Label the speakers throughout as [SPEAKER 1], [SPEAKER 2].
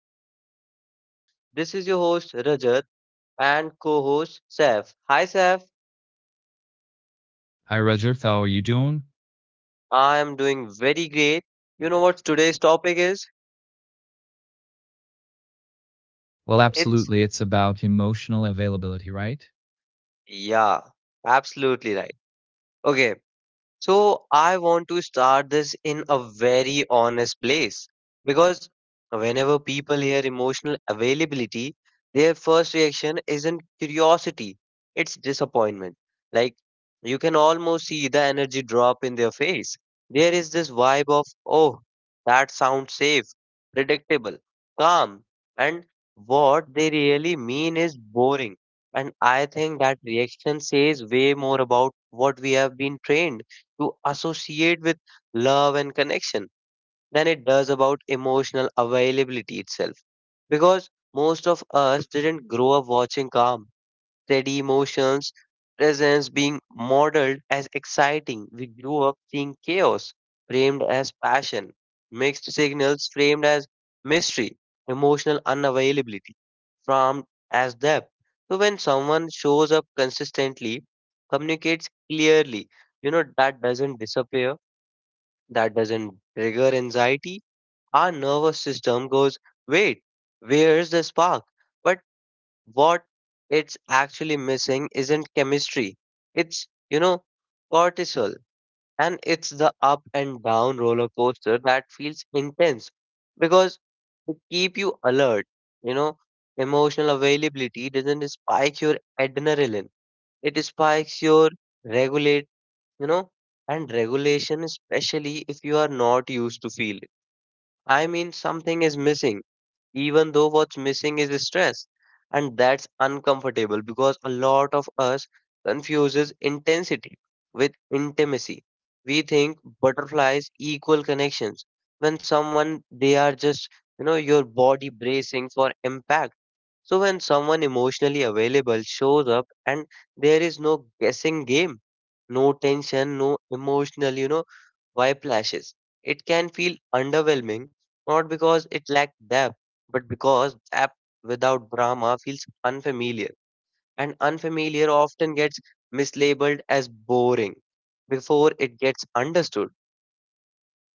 [SPEAKER 1] another podcast. This is your host, Rajat, and co host, Saif. Hi, Saif.
[SPEAKER 2] Hi, Roger. How are you doing?
[SPEAKER 1] I am doing very great. You know what today's topic is?
[SPEAKER 2] Well,
[SPEAKER 1] It's,
[SPEAKER 2] absolutely. It's about emotional availability, right?
[SPEAKER 1] yeah, absolutely right. Okay, so I want to start this in a very honest place because whenever people hear emotional availability, their first reaction isn't curiosity, it's disappointment. Like you can almost see the energy drop in their face. There is this vibe of, oh, that sounds safe, predictable, calm, and what they really mean is boring. And I think that reaction says way more about what we have been trained to associate with love and connection than it does about emotional availability itself. Because most of us didn't grow up watching calm, steady emotions, presence being modeled as exciting. We grew up seeing chaos framed as passion, mixed signals framed as mystery, emotional unavailability framed as depth. So when someone shows up consistently, communicates clearly, that doesn't disappear, that doesn't trigger anxiety. Our nervous system goes, wait, where's the spark? But what it's actually missing isn't chemistry, it's cortisol, and it's the up and down roller coaster that feels intense because it keep you alert. you know Emotional availability doesn't spike your adrenaline, it spikes your regulate. you know and regulation, especially if you are not used to feel it, I mean something is missing, even though what's missing is stress. And that's uncomfortable because a lot of us confuses intensity with intimacy. We think butterflies equal connections, when someone they are just your body bracing for impact. So when someone emotionally available shows up and there is no guessing game, no tension, no emotional whiplashes, it can feel underwhelming, not because it lacked depth, but because app without drama feels unfamiliar, and unfamiliar often gets mislabeled as boring before it gets understood.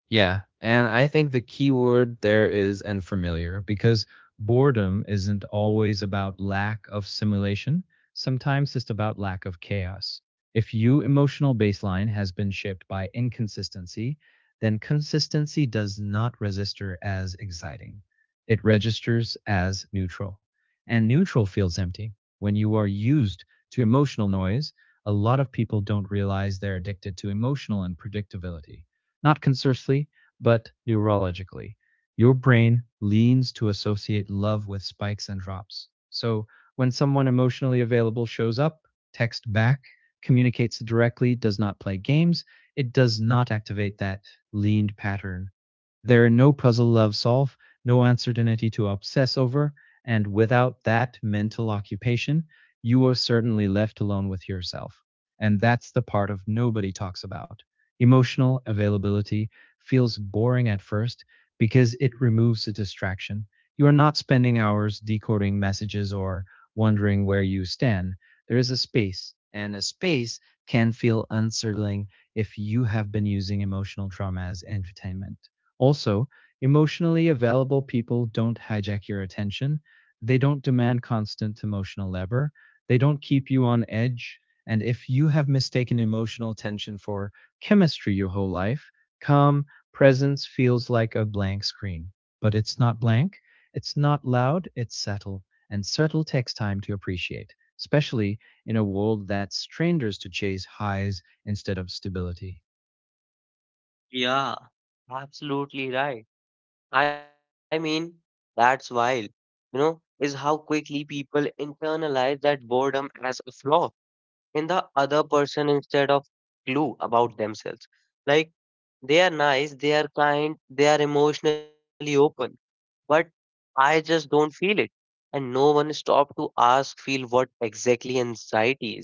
[SPEAKER 2] Yeah. And I think the key word there is and familiar because boredom isn't always about lack of simulation. Sometimes it's about lack of chaos. If your emotional baseline has been shaped by inconsistency, then consistency does not register as exciting. It registers as neutral. And neutral feels empty. When you are used to emotional noise, a lot of people don't realize they're addicted to emotional unpredictability not conversely, but neurologically. Your brain leans to associate love with spikes and drops. So when someone emotionally available shows up, texts back, communicates directly, does not play games, it does not activate that leaned pattern. There are no puzzle love solve, no uncertainty to obsess over, and without that mental occupation, you are certainly left alone with yourself. And that's the part of nobody talks about. Emotional availability feels boring at first because it removes the distraction. You are not spending hours decoding messages or wondering where you stand. There is a space, and a space can feel unsettling if you have been using emotional trauma as entertainment. Also, emotionally available people don't hijack your attention. They don't demand constant emotional labor. They don't keep you on edge. And if you have mistaken emotional tension for chemistry your whole life. Calm presence feels like a blank screen, but it's not blank. It's not loud, it's subtle, and subtle takes time to appreciate, especially in a world that strangers to chase highs instead of stability.
[SPEAKER 1] Yeah, absolutely right. I mean, that's wild, is how quickly people internalize that boredom as a flaw in the other person instead of clue about themselves. Like, they are nice, they are kind, they are emotionally open, but I just don't feel it. And no one stopped to ask, feel what exactly anxiety is.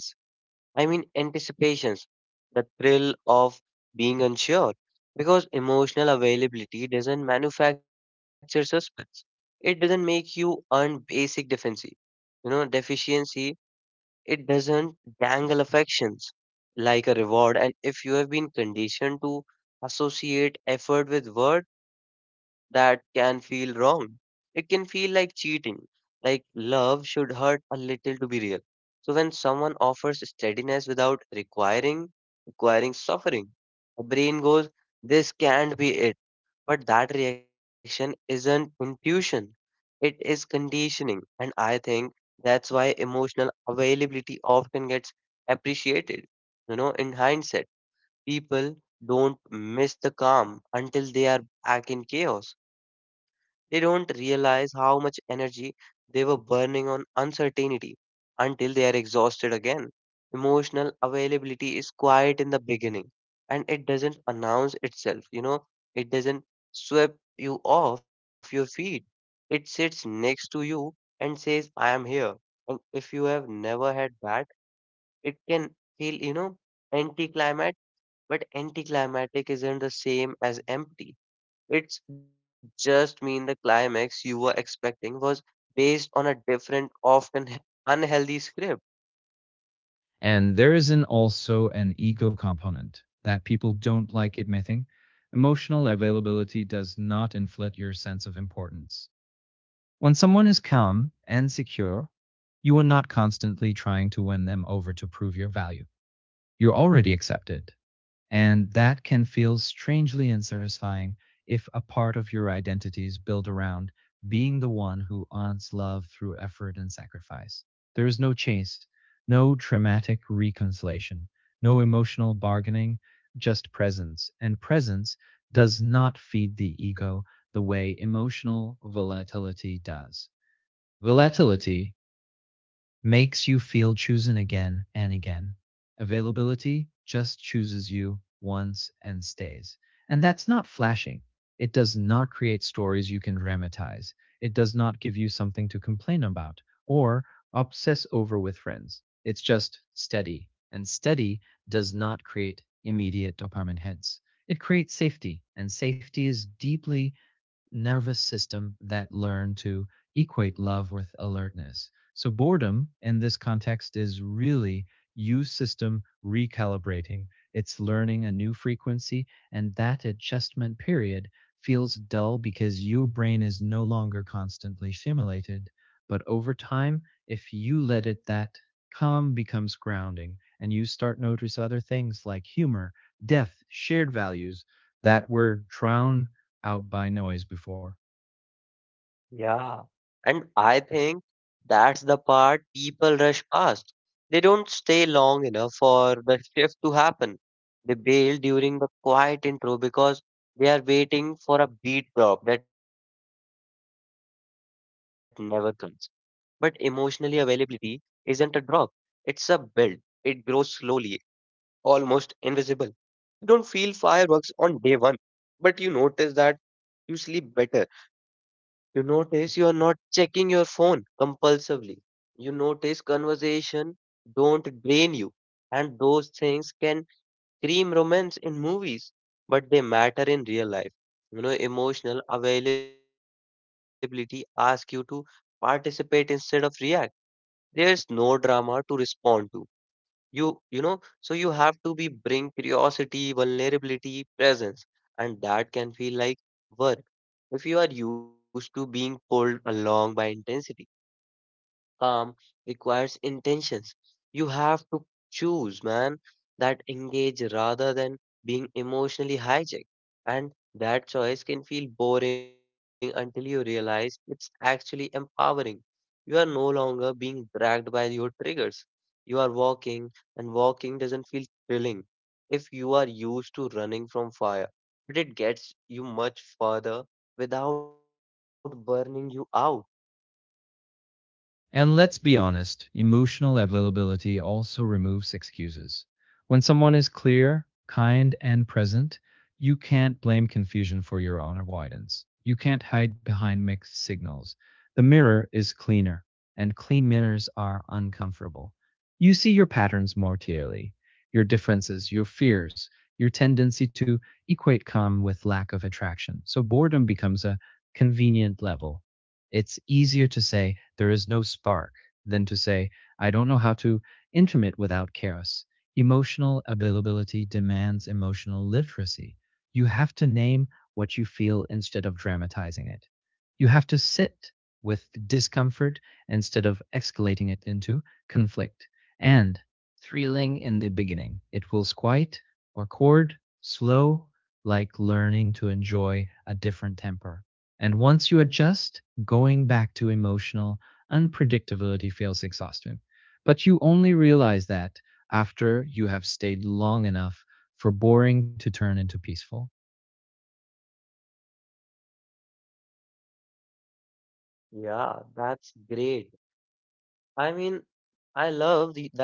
[SPEAKER 1] I mean, anticipations, the thrill of being unsure. Because emotional availability doesn't manufacture suspense, it doesn't make you earn basic deficiency. Deficiency, it doesn't dangle affections like a reward. And if you have been conditioned to associate effort with worth, that can feel wrong. It can feel like cheating, like love should hurt a little to be real. So when someone offers steadiness without requiring suffering, the brain goes, this can't be it. But that reaction isn't intuition. It is conditioning. And I think that's why emotional availability often gets appreciated, in hindsight. People don't miss the calm until they are back in chaos. They don't realize how much energy they were burning on uncertainty until they are exhausted again. Emotional availability is quiet in the beginning, and it doesn't announce itself, it doesn't sweep you off your feet. It sits next to you and says, I am here. And if you have never had that, it can feel, anticlimactic, but anticlimactic isn't the same as empty. It's just mean the climax you were expecting was based on a different, often unhealthy script.
[SPEAKER 2] And there is an also an ego component that people don't like admitting. Emotional availability does not inflate your sense of importance. When someone is calm and secure, you are not constantly trying to win them over to prove your value. You're already accepted, and that can feel strangely unsatisfying if a part of your identity is built around being the one who earns love through effort and sacrifice. There is no chase, no dramatic reconciliation, no emotional bargaining, just presence. And presence does not feed the ego the way emotional volatility does. Volatility makes you feel chosen again and again. Availability just chooses you once and stays. And that's not flashing. It does not create stories you can dramatize. It does not give you something to complain about or obsess over with friends. It's just steady. And steady does not create immediate dopamine hits. It creates safety, and safety is deeply nervous system that learn to equate love with alertness. So boredom in this context is really U system recalibrating. It's learning a new frequency and that adjustment period feels dull because your brain is no longer constantly stimulated. But over time, if you let it that calm becomes grounding and you start notice other things like humor, depth, shared values that were drowned out by noise before.
[SPEAKER 1] Yeah, and I think that's the part people rush past. They don't stay long enough for the shift to happen. They bail during the quiet intro because they are waiting for a beat drop that never comes. But emotionally availability isn't a drop, it's a build. It grows slowly, almost invisible. You don't feel fireworks on day one, but you notice that you sleep better. You notice you are not checking your phone compulsively. You notice conversation don't drain you. And those things can cream romance in movies, but they matter in real life. Emotional availability asks you to participate instead of react, there's no drama to respond to. You you know so you have to be bring curiosity vulnerability presence, and that can feel like work if you are used to being pulled along by intensity. Calm requires intentions. You have to choose, man, that engage rather than being emotionally hijacked. And that choice can feel boring until you realize it's actually empowering. You are no longer being dragged by your triggers. You are walking, and walking doesn't feel thrilling if you are used to running from fire, but it gets you much further without burning you out.
[SPEAKER 2] And let's be honest, emotional availability also removes excuses. When someone is clear, kind, and present, you can't blame confusion for your own avoidance. You can't hide behind mixed signals. The mirror is cleaner, and clean mirrors are uncomfortable. You see your patterns more clearly, your differences, your fears, your tendency to equate calm with lack of attraction. So boredom becomes a convenient level. It's easier to say there is no spark than to say I don't know how to intimate without chaos. Emotional availability demands emotional literacy. You have to name what you feel instead of dramatizing it. You have to sit with discomfort instead of escalating it into conflict. And thrilling in the beginning, it will quiet or chord, slow, like learning to enjoy a different temper. And once you adjust, going back to emotional unpredictability feels exhausting. But you only realize that after you have stayed long enough for boring to turn into peaceful.
[SPEAKER 1] Yeah, that's great. I mean, I love the, that you said tempo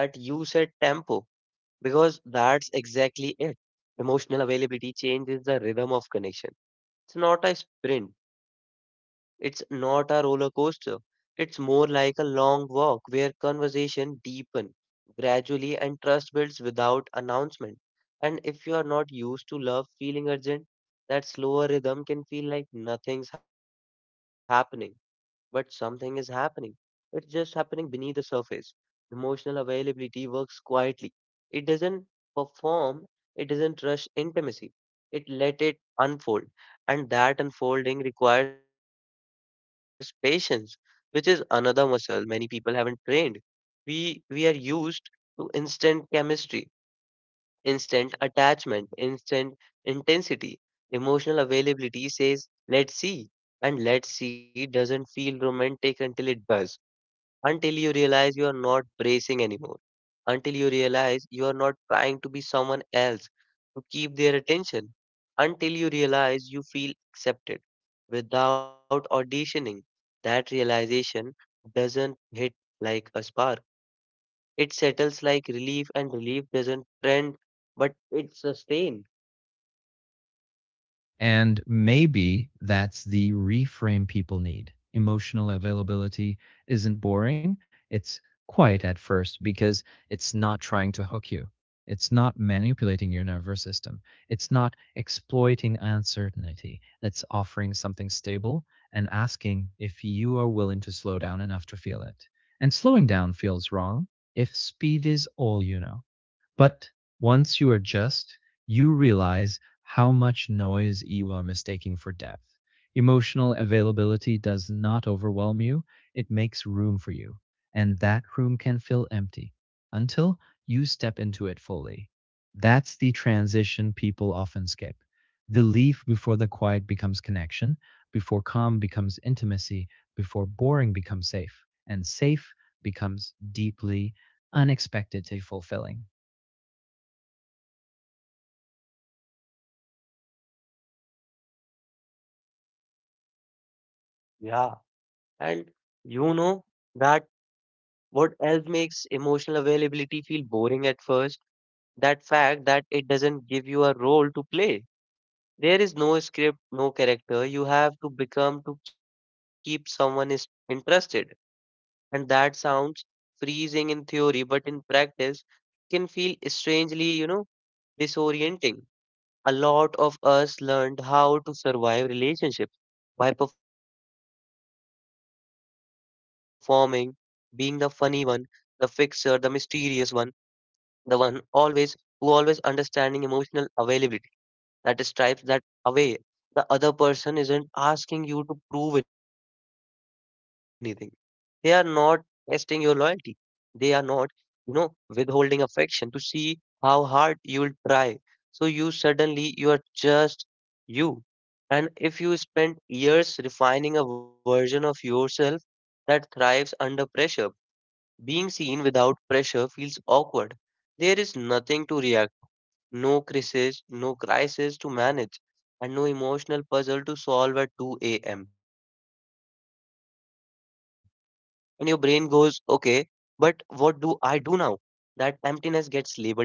[SPEAKER 1] because that's exactly it. Emotional availability changes the rhythm of connection. It's not a sprint, it's not a roller coaster. It's more like a long walk where conversation deepen gradually and trust builds without announcement. And if you are not used to love feeling urgent, that slower rhythm can feel like nothing's happening, but something is happening. It's just happening beneath the surface. Emotional availability works quietly. It doesn't perform, it doesn't rush intimacy. It let it unfold. And that unfolding requires patience, which is another muscle many people haven't trained. We are used to instant chemistry, instant attachment, instant intensity. Emotional availability says, let's see. And let's see doesn't feel romantic until it does, until you realize you are not bracing anymore, until you realize you are not trying to be someone else to keep their attention, until you realize you feel accepted without auditioning. That realization doesn't hit like a spark. It settles like relief, and relief doesn't trend, but it sustains.
[SPEAKER 2] And maybe that's the reframe people need. Emotional availability isn't boring. It's quiet at first because it's not trying to hook you. It's not manipulating your nervous system. It's not exploiting uncertainty. It's offering something stable and asking if you are willing to slow down enough to feel it. And slowing down feels wrong if speed is all you know. But once you adjust, you realize how much noise you are mistaking for depth. Emotional availability does not overwhelm you, it makes room for you. And that room can feel empty until you step into it fully. That's the transition people often skip. The leaf before the quiet becomes connection, before calm becomes intimacy, before boring becomes safe, and safe becomes deeply, unexpectedly fulfilling.
[SPEAKER 1] Yeah. And you know that what else makes emotional availability feel boring at first? That fact that it doesn't give you a role to play. There is no script, no character. You have to become to keep someone is interested. And that sounds freezing in theory, but in practice can feel strangely, disorienting. A lot of us learned how to survive relationships by performing, being the funny one, the fixer, the mysterious one, the one always who always understanding emotional availability that stripes that away. The other person isn't asking you to prove anything. They are not testing your loyalty. They are not, withholding affection to see how hard you will try. So you suddenly, you are just you. And if you spend years refining a version of yourself that thrives under pressure, being seen without pressure feels awkward. There is nothing to react, no crisis, no crisis to manage, and no emotional puzzle to solve at 2 a.m., and your brain goes, okay, but what do I do now? That emptiness gets labeled as boredom,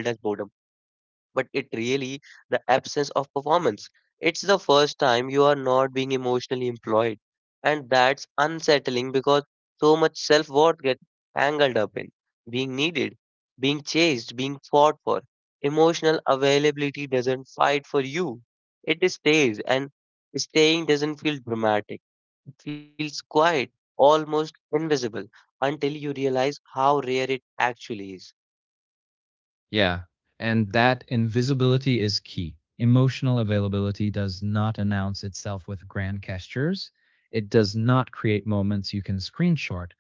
[SPEAKER 1] but it really the absence of performance. It's the first time you are not being emotionally employed, and that's unsettling because so much self worth gets tangled up in being needed, being chased, being fought for. Emotional availability doesn't fight for you, it stays, and staying doesn't feel dramatic, feels quiet, almost invisible, until you realize how rare it actually is.
[SPEAKER 2] Yeah. And that invisibility is key. Emotional availability does not announce itself with grand gestures. It does not create moments you can screenshot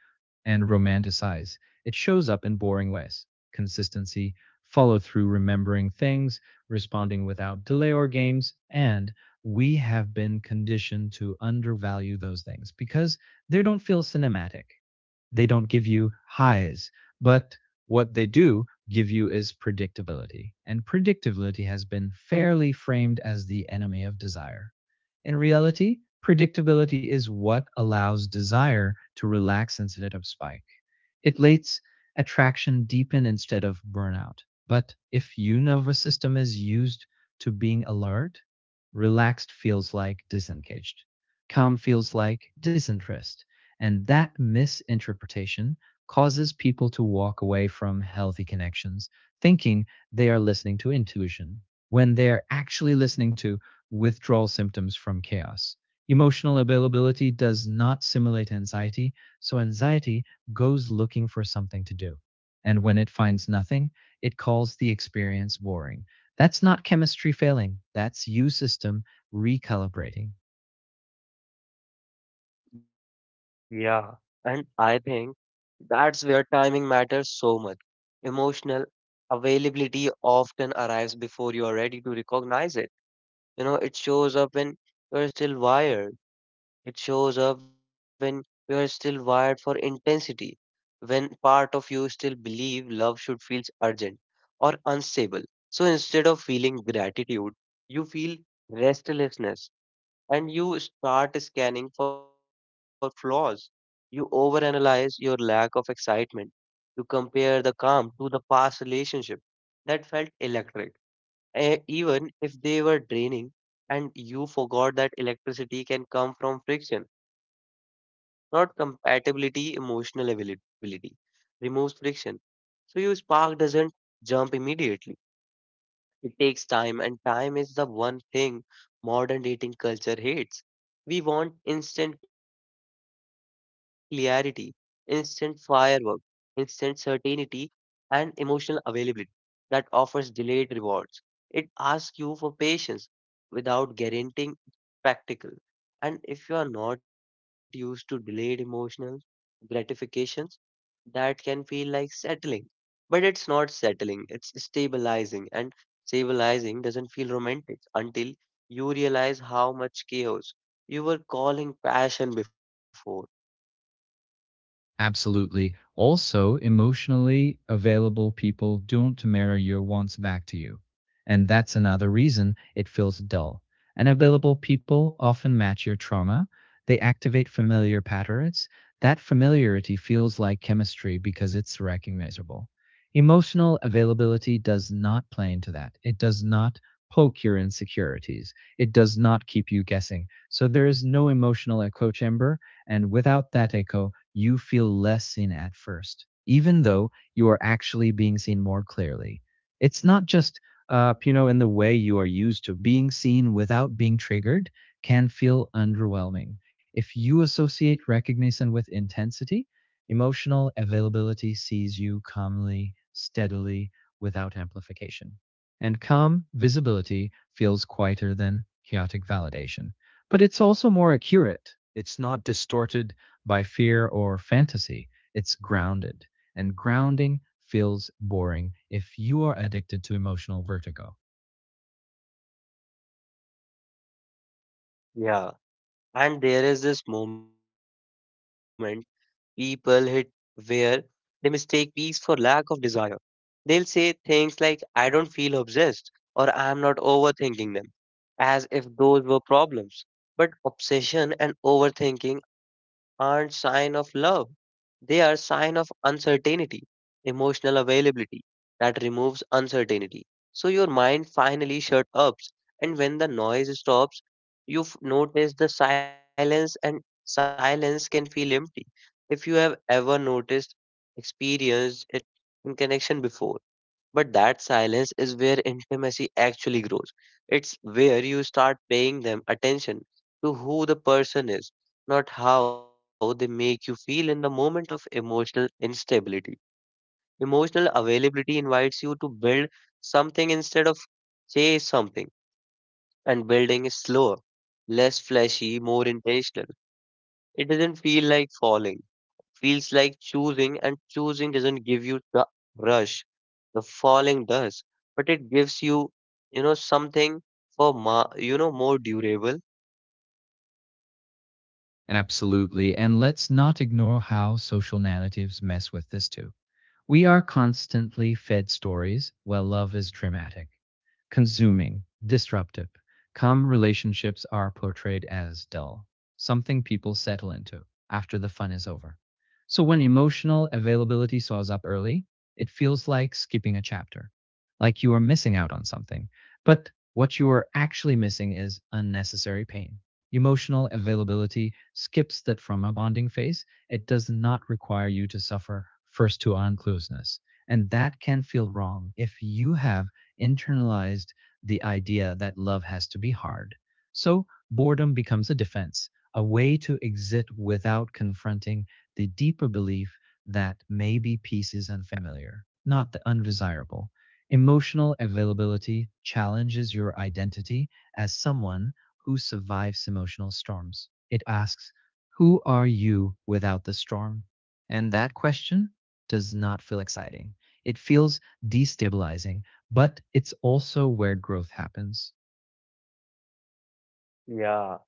[SPEAKER 2] and romanticize. It shows up in boring ways consistency, follow through, remembering things, responding without delay or games. And we have been conditioned to undervalue those things because they don't feel cinematic they don't give you highs, but what they do give you is predictability. And predictability has been fairly framed as the enemy of desire. In reality, predictability is what allows desire to relax instead of spike. It lets attraction deepen instead of burnout. But if your nervous system is used to being alert, relaxed feels like disengaged, calm feels like disinterest. And that misinterpretation causes people to walk away from healthy connections thinking they are listening to intuition when they're actually listening to withdrawal symptoms from chaos. Emotional availability does not simulate anxiety, so anxiety goes looking for something to do. And when it finds nothing, it calls the experience boring. That's not chemistry failing. That's you system recalibrating.
[SPEAKER 1] Yeah, and I think that's where timing matters so much. Emotional availability often arrives before you are ready to recognize it. It shows up when you're still wired. It shows up when you are still wired for intensity, when part of you still believe love should feel urgent or unstable. So instead of feeling gratitude, you feel restlessness, and you start scanning for flaws. You overanalyze your lack of excitement. You compare the calm to the past relationship that felt electric, even if they were draining, and you forgot that electricity can come from friction not compatibility, emotional availability. Removes friction. So your spark doesn't jump immediately. It takes time, and time is the one thing modern dating culture hates. We want instant clarity, instant firework, instant certainty, and emotional availability that offers delayed rewards. It asks you for patience without guaranteeing spectacle. And if you are not used to delayed emotional gratifications, that can feel like settling. But it's not settling, it's stabilizing. And stabilizing doesn't feel romantic until you realize how much chaos you were calling passion before.
[SPEAKER 2] Absolutely. Also, emotionally available people don't mirror your wants back to you. And that's another reason it feels dull. And available people often match your trauma. They activate familiar patterns. That familiarity feels like chemistry because it's recognizable. Emotional availability does not play into that. It does not poke your insecurities. It does not keep you guessing. So there is no emotional echo chamber. And without that echo, you feel less seen at first, even though you are actually being seen more clearly. It's not just in the way you are used to being seen without being triggered can feel underwhelming. If you associate recognition with intensity, emotional availability sees you calmly, steadily, without amplification. And calm visibility feels quieter than chaotic validation. But it's also more accurate. It's not distorted by fear or fantasy. It's grounded. And grounding feels boring if you are addicted to emotional vertigo.
[SPEAKER 1] Yeah. And there is this moment people hit where they mistake peace for lack of desire. They'll say things like, I don't feel obsessed or I'm not overthinking them, as if those were problems. But obsession and overthinking aren't sign of love. They are sign of uncertainty, emotional availability that removes uncertainty. So your mind finally shut up, and when the noise stops, you've noticed the silence and silence can feel empty. If you have ever noticed experienced in connection before. But that silence is where intimacy actually grows. It's where you start paying them attention to who the person is, not how they make you feel in the moment of emotional instability. Emotional availability invites you to build something instead of chase something, and building is slower, less flashy, more intentional. It doesn't feel like falling, feels like choosing, and choosing doesn't give you the rush the falling does, but it gives you, something for ma- you know more durable.
[SPEAKER 2] And absolutely. And let's not ignore how social narratives mess with this too. We are constantly fed stories where love is dramatic, consuming, disruptive. Calm relationships are portrayed as dull, something people settle into after the fun is over. So when emotional availability soars up early, it feels like skipping a chapter, like you are missing out on something. But what you are actually missing is unnecessary pain. Emotional availability skips that from a bonding phase. It does not require you to suffer first to uncluseness. And that can feel wrong if you have internalized the idea that love has to be hard. So boredom becomes a defense, a way to exit without confronting the deeper belief that maybe peace is unfamiliar, not the undesirable. Emotional availability challenges your identity as someone who survives emotional storms. It asks, who are you without the storm? And that question does not feel exciting. It feels destabilizing but it's also where growth happens.
[SPEAKER 1] Yeah,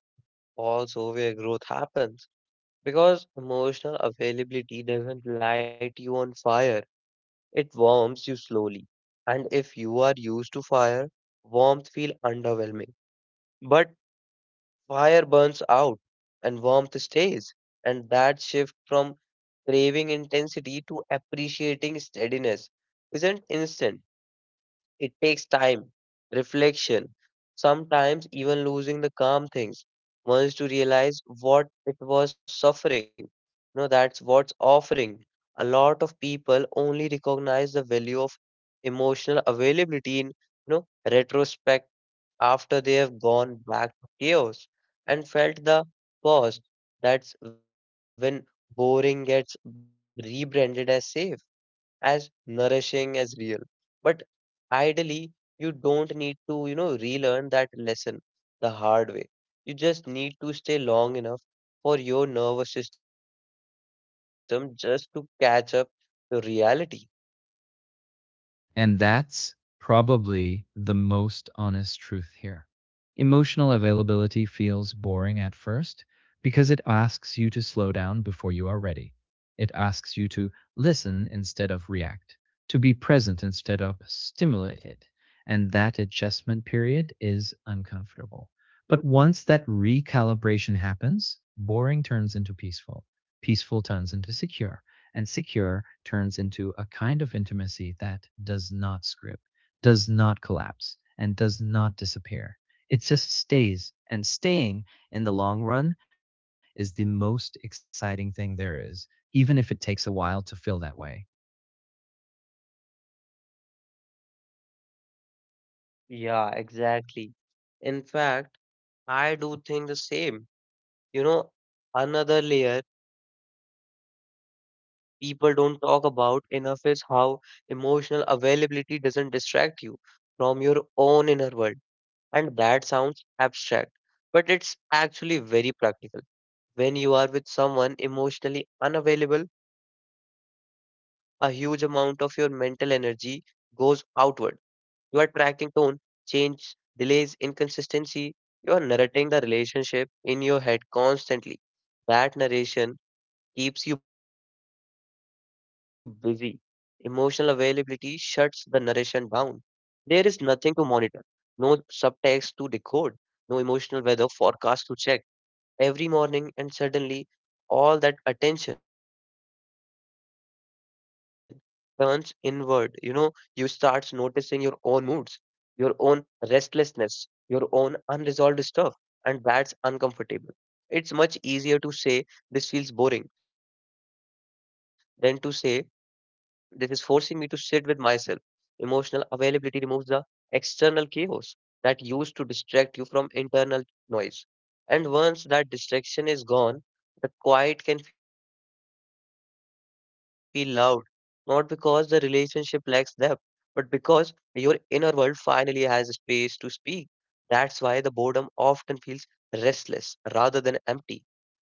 [SPEAKER 1] also where growth happens because emotional availability doesn't light you on fire. It warms you slowly, and if you are used to fire, warmth feel underwhelming. But fire burns out, and warmth stays, and that shift from craving intensity to appreciating steadiness isn't instant. It takes time, reflection, sometimes even losing the calm things once to realize what it was suffering. No, that's what's offering. A lot of people only recognize the value of emotional availability in, retrospect, after they have gone back to chaos and felt the cost. That's when boring gets rebranded as safe, as nourishing, as real. But ideally, you don't need to, relearn that lesson the hard way. You just need to stay long enough for your nervous system just to catch up to reality.
[SPEAKER 2] And that's probably the most honest truth here. Emotional availability feels boring at first because it asks you to slow down before you are ready. It asks you to listen instead of react, to be present instead of stimulated. And that adjustment period is uncomfortable. But once that recalibration happens, boring turns into peaceful, peaceful turns into secure. And secure turns into a kind of intimacy that does not script, does not collapse, and does not disappear. It just stays, and staying in the long run is the most exciting thing there is, even if it takes a while to feel that way.
[SPEAKER 1] Yeah, exactly. In fact, I do think the same. You know, another layer people don't talk about enough is how emotional availability doesn't distract you from your own inner world. And that sounds abstract, but it's actually very practical. When you are with someone emotionally unavailable, a huge amount of your mental energy goes outward. You are tracking tone, change, delays, inconsistency. You are narrating the relationship in your head constantly. That narration keeps you busy. Emotional availability shuts the narration down. There is nothing to monitor, no subtext to decode, no emotional weather forecast to check every morning, and suddenly all that attention turns inward. You know, you start noticing your own moods, your own restlessness, your own unresolved stuff, and that's uncomfortable. It's much easier to say this feels boring than to say this is forcing me to sit with myself. Emotional availability removes the external chaos that used to distract you from internal noise. And once that distraction is gone, the quiet can feel loud, not because the relationship lacks depth, but because your inner world finally has a space to speak. That's why the boredom often feels restless rather than empty.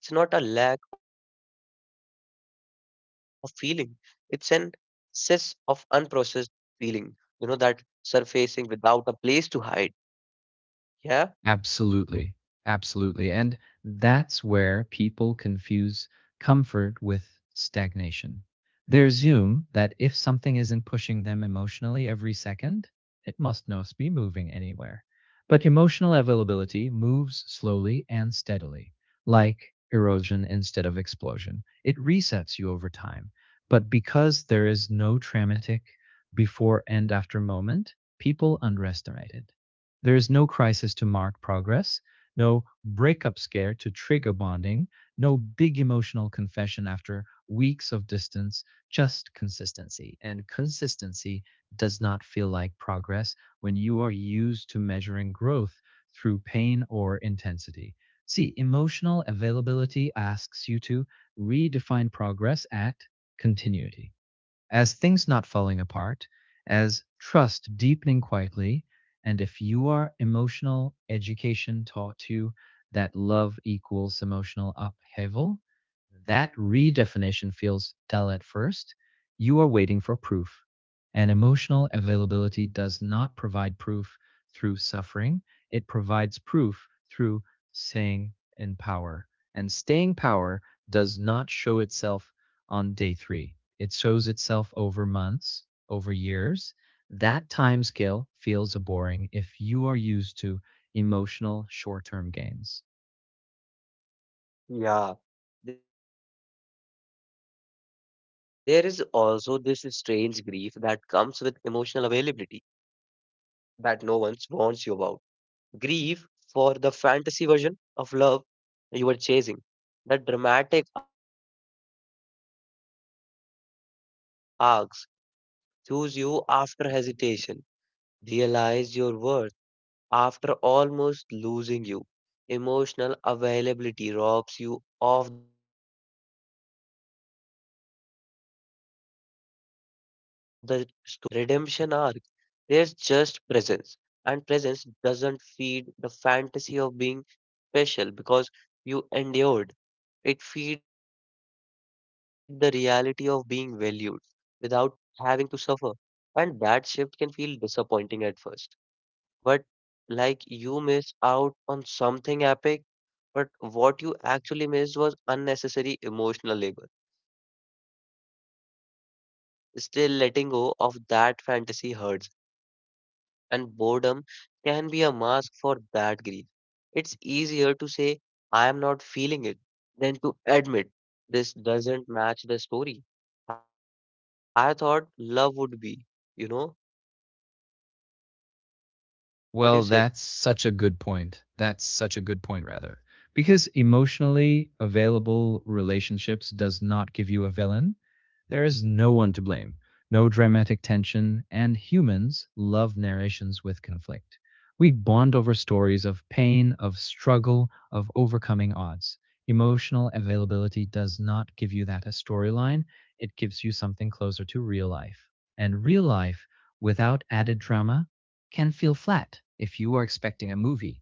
[SPEAKER 1] It's not a lack of feeling, it's an excess of unprocessed feeling, that surfacing without a place to hide. Yeah,
[SPEAKER 2] Absolutely. Absolutely. And that's where people confuse comfort with stagnation. They assume that if something isn't pushing them emotionally every second, it must not be moving anywhere. But emotional availability moves slowly and steadily, like erosion instead of explosion. It resets you over time. But because there is no traumatic before and after moment, people underestimate it. There is no crisis to mark progress, no breakup scare to trigger bonding, no big emotional confession after weeks of distance, just consistency. And consistency does not feel like progress when you are used to measuring growth through pain or intensity. See, emotional availability asks you to redefine progress at continuity as things not falling apart, as trust deepening quietly. And if you are emotional education taught you that love equals emotional upheaval, that redefinition feels dull at first. You are waiting for proof. And emotional availability does not provide proof through suffering, it provides proof through staying in power. And staying power does not show itself on day three, it shows itself over months, over years. That time scale feels boring if you are used to emotional short term gains.
[SPEAKER 1] yeah. There is also this strange grief that comes with emotional availability that no one warns you about. Grief for the fantasy version of love you were chasing, the dramatic arcs, the idea that someone would finally change for you, choose you after hesitation, realize your worth after almost losing you. Emotional availability robs you of the story. There is no almost, there is no redemption arc. There's just presence. And presence doesn't feed the fantasy of being special because you endured. It feeds the reality of being valued without having to suffer. And that shift can feel disappointing at first, but like you miss out on something epic, but what you actually missed was unnecessary emotional labor. Still, letting go of that fantasy hurts, and boredom can be a mask for that grief. It's easier to say, I am not feeling it, than to admit this doesn't match the story I thought love would be, you know? What do you say?
[SPEAKER 2] Well, that's such a good point. That's such a good point, rather. Because emotionally available relationships does not give you a villain. There is no one to blame, no dramatic tension, and humans love narrations with conflict. We bond over stories of pain, of struggle, of overcoming odds. Emotional availability does not give you that as storyline. It gives you something closer to real life. And real life, without added drama, can feel flat if you are expecting a movie.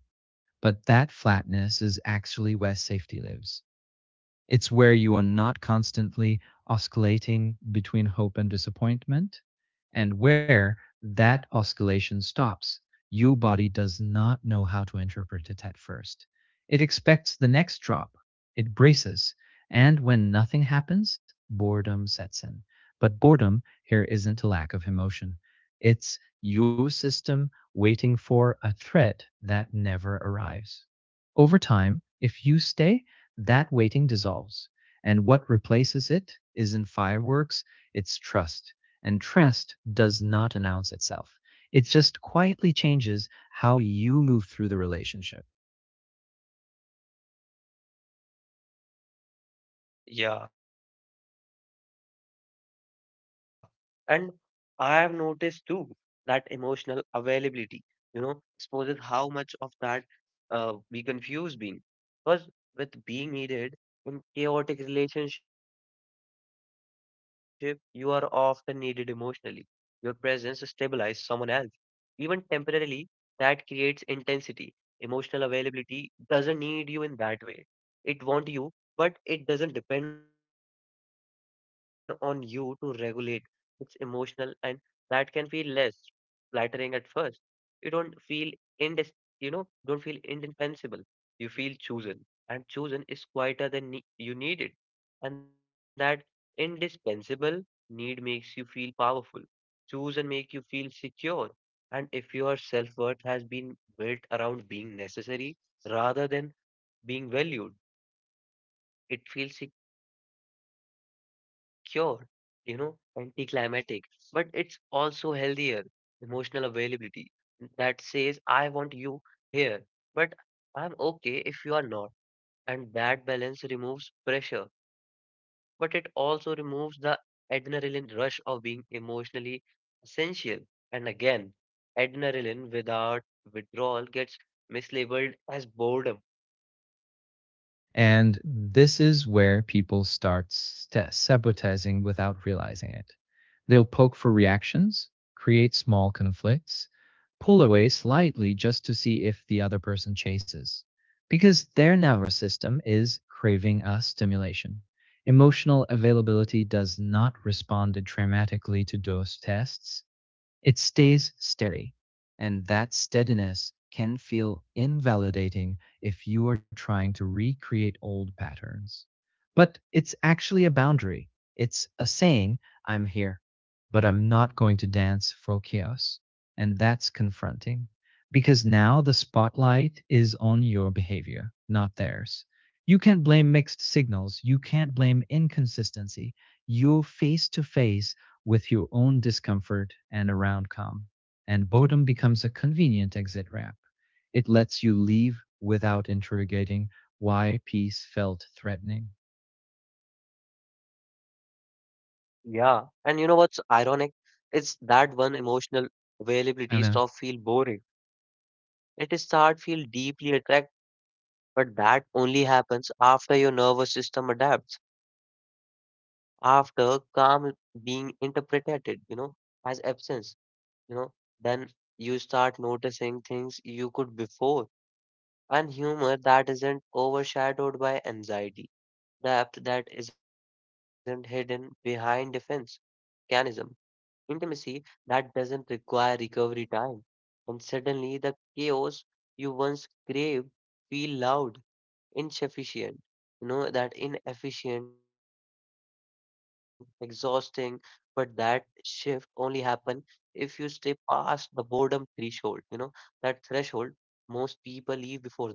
[SPEAKER 2] But that flatness is actually where safety lives. It's where you are not constantly oscillating between hope and disappointment, and where that oscillation stops. Your body does not know how to interpret it at first. It expects the next drop. It braces. And when nothing happens, boredom sets in. But boredom here isn't a lack of emotion. It's your system waiting for a threat that never arrives. Over time, if you stay, that waiting dissolves. And what replaces it is in fireworks, it's trust. And trust does not announce itself. It just quietly changes how you move through the relationship.
[SPEAKER 1] Yeah. And I have noticed too that emotional availability, you know, exposes how much of that we confuse being. Because with being needed in chaotic relationship, you are often needed emotionally. Your presence stabilizes someone else even temporarily, that creates intensity. Emotional availability doesn't need you in that way. It wants you, but it doesn't depend on you to regulate. It's emotional, and that can feel less flattering at first. You don't feel indes, you know, don't feel indispensable. You feel chosen, and chosen is quieter than you need it, and that indispensable need makes you feel powerful, choose and make you feel secure. And if your self worth has been built around being necessary rather than being valued, it feels secure, you know, anticlimactic. But it's also healthier emotional availability that says, I want you here, but I'm okay if you are not, and that balance removes pressure, but it also removes the adrenaline rush of being emotionally essential. And again, adrenaline without withdrawal gets mislabeled as boredom.
[SPEAKER 2] And this is where people sabotaging without realizing it. They'll poke for reactions, create small conflicts, pull away slightly just to see if the other person chases, because their nervous system is craving a stimulation. Emotional availability does not respond dramatically to those tests, it stays steady, and that steadiness can feel invalidating if you are trying to recreate old patterns. But it's actually a boundary. It's a saying, I'm here, but I'm not going to dance for chaos. And that's confronting because now the spotlight is on your behavior, not theirs. You can't blame mixed signals. You can't blame inconsistency. You're face to face with your own discomfort and around calm. And boredom becomes a convenient exit ramp. It lets you leave without interrogating why peace felt threatening.
[SPEAKER 1] Yeah, and you know what's ironic? It's that one emotional
[SPEAKER 2] I know.
[SPEAKER 1] availability stop feel boring. It start feel deeply attractive. But that only happens after your nervous system adapts, after calm being interpreted, as absence, you know, then you start noticing things you could before. And humor that isn't overshadowed by anxiety, depth that isn't hidden behind defense, mechanism, intimacy that doesn't require recovery time. And suddenly the chaos you once craved feel loud, insufficient, that inefficient exhausting, but that shift only happen if you stay past the boredom threshold, that threshold, most people leave before that.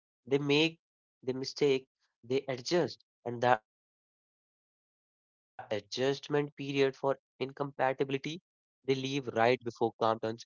[SPEAKER 1] They make the mistake, they adjust and the adjustment period for incompatibility, they leave right before calm turns into connections.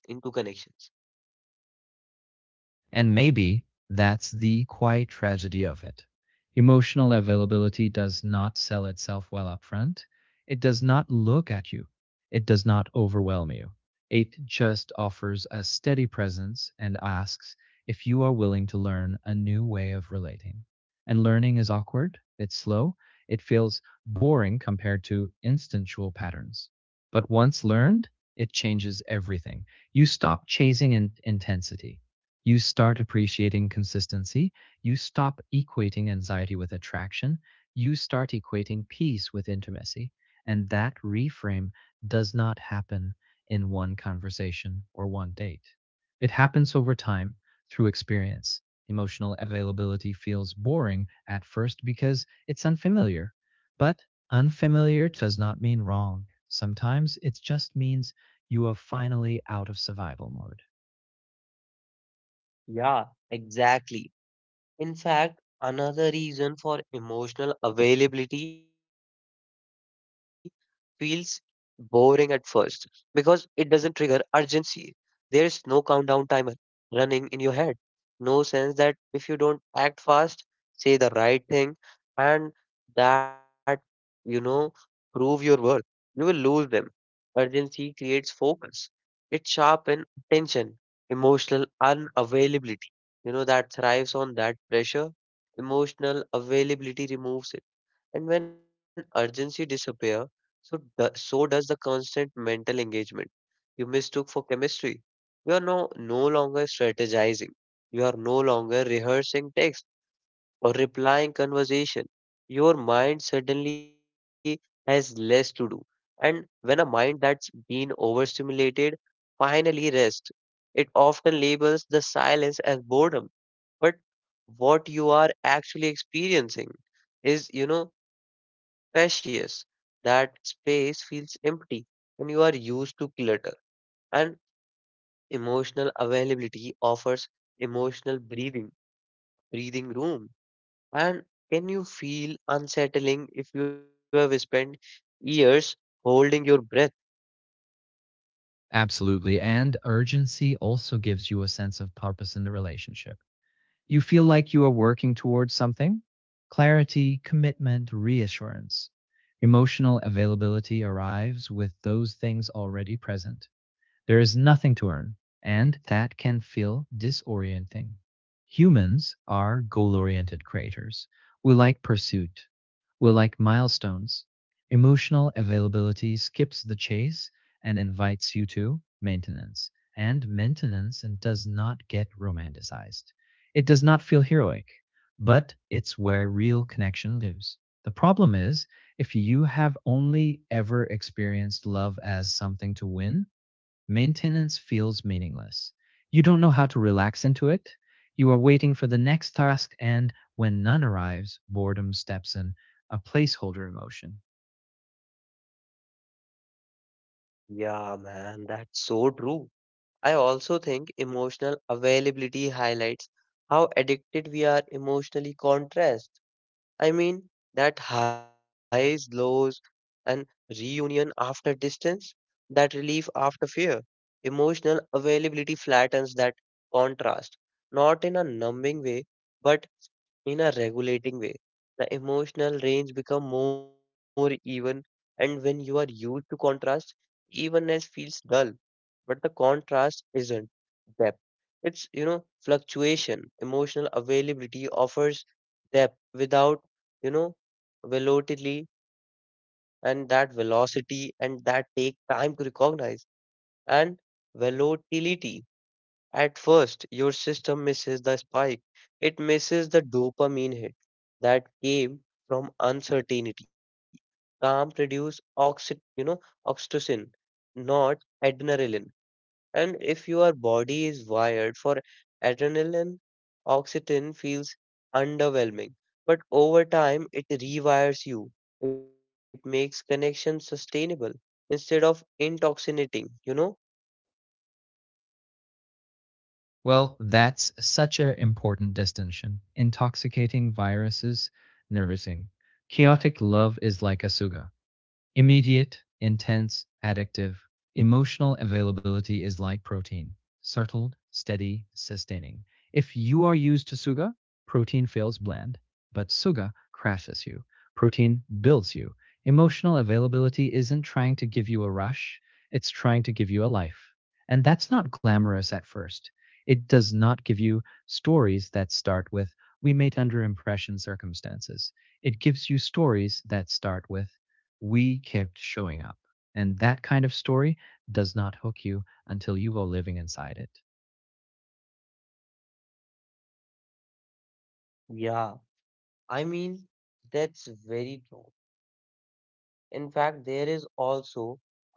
[SPEAKER 2] And maybe that's the quiet tragedy of it. Emotional availability does not sell itself well up front. It does not look at you. It does not overwhelm you. It just offers a steady presence and asks if you are willing to learn a new way of relating. And learning is awkward, it's slow, it feels boring compared to instinctual patterns. But once learned, it changes everything. You stop intensity, you start appreciating consistency. You stop equating anxiety with attraction. You start equating peace with intimacy. And that reframe does not happen in one conversation or one date. It happens over time through experience. Emotional availability feels boring at first because it's unfamiliar. But unfamiliar does not mean wrong. Sometimes it just means you are finally out of survival mode.
[SPEAKER 1] Yeah, exactly. In fact, another reason for emotional availability feels boring at first because it doesn't trigger urgency. There is no countdown timer running in your head. No sense that if you don't act fast, say the right thing, and that, you know, prove your worth, you will lose them. Urgency creates focus, it sharpens attention, emotional unavailability. You know, that thrives on that pressure. Emotional availability removes it, and when urgency disappear, so does the constant mental engagement you mistook for chemistry. You are no longer strategizing. You are no longer rehearsing text or replying conversation. Your mind suddenly has less to do. And when a mind that's been overstimulated finally rests, it often labels the silence as boredom, but what you are actually experiencing is, spacious. That space feels empty and you are used to clutter, and emotional availability offers emotional breathing breathing room, and can you feel unsettling if you have spent years holding your breath.
[SPEAKER 2] Absolutely. And urgency also gives you a sense of purpose in the relationship. You feel like you are working towards something. Clarity, commitment, reassurance. Emotional availability arrives with those things already present. There is nothing to earn, and that can feel disorienting. Humans are goal oriented creatures. We like pursuit, we're like milestones. Emotional availability skips the chase and invites you to maintenance. And maintenance and does not get romanticized. It does not feel heroic, but it's where real connection lives. The problem is, if you have only ever experienced love as something to win, maintenance feels meaningless. You don't know how to relax into it. You are waiting for the next task, and when none arrives, boredom steps in, a placeholder emotion.
[SPEAKER 1] Yeah man, that's so true. I also think emotional availability highlights how addicted we are emotionally contrast. I mean, that highs, lows, and reunion after distance, that relief after fear. Emotional availability flattens that contrast, not in a numbing way, but in a regulating way. The emotional range become more even, and when you are used to contrast, evenness feels dull, but the contrast isn't depth. It's, fluctuation. Emotional availability offers depth without, you know, velocity velocity and that take time to recognize and volatility. At first, your system misses the spike. It misses the dopamine hit that came from uncertainty. Calm produce oxytocin, not adrenaline. And if your body is wired for adrenaline, oxytocin feels underwhelming. But over time, it rewires you. It makes connection sustainable instead of intoxicating, you know?
[SPEAKER 2] Well, that's such an important distinction. Intoxicating viruses, nervousing. Chaotic love is like a suga. Immediate, intense, addictive, emotional availability is like protein, settled, steady, sustaining. If you are used to suga, protein feels bland, but suga crashes you. Protein builds you. Emotional availability isn't trying to give you a rush, it's trying to give you a life. And that's not glamorous at first. It does not give you stories that start with, we mate under impression circumstances. It gives you stories that start with, we kept showing up. And that kind of story does not hook you until you go living inside it.
[SPEAKER 1] Yeah, I mean, that's very true. In fact, there is also a pause,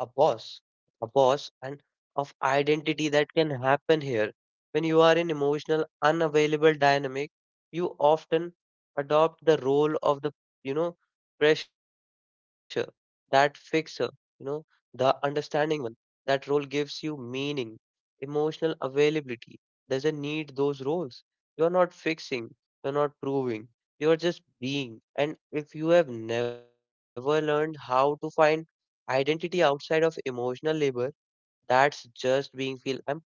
[SPEAKER 1] a boss and of identity that can happen here. When you are in emotional, unavailable dynamic, you often adopt the role of the, you know, pressure, that fixer, you know, the understanding one. That role gives you meaning. Emotional availability doesn't need those roles. You're not fixing, you're not proving, you're just being. And if you have never learned how to find identity outside of emotional labor, that's just being feel empty.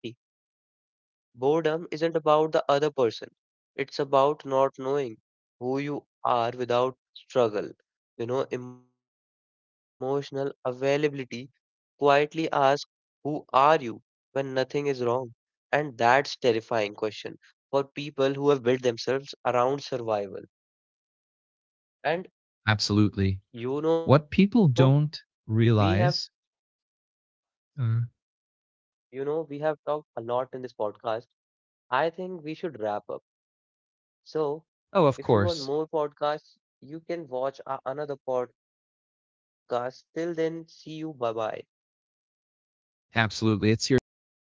[SPEAKER 1] Boredom isn't about the other person. It's about not knowing who you are without struggle. You know, emotional availability quietly asks, who are you when nothing is wrong? And that's terrifying question for people who have built themselves around survival. And
[SPEAKER 2] Absolutely.
[SPEAKER 1] you know,
[SPEAKER 2] What people
[SPEAKER 1] we have
[SPEAKER 2] don't realize, uh,
[SPEAKER 1] you know, we have talked a lot in this podcast. I think we should wrap up. So,
[SPEAKER 2] oh,
[SPEAKER 1] if
[SPEAKER 2] of
[SPEAKER 1] you want
[SPEAKER 2] course,
[SPEAKER 1] more podcasts, you can watch another podcast. Till then, see you. Bye bye.
[SPEAKER 2] absolutely. It's your co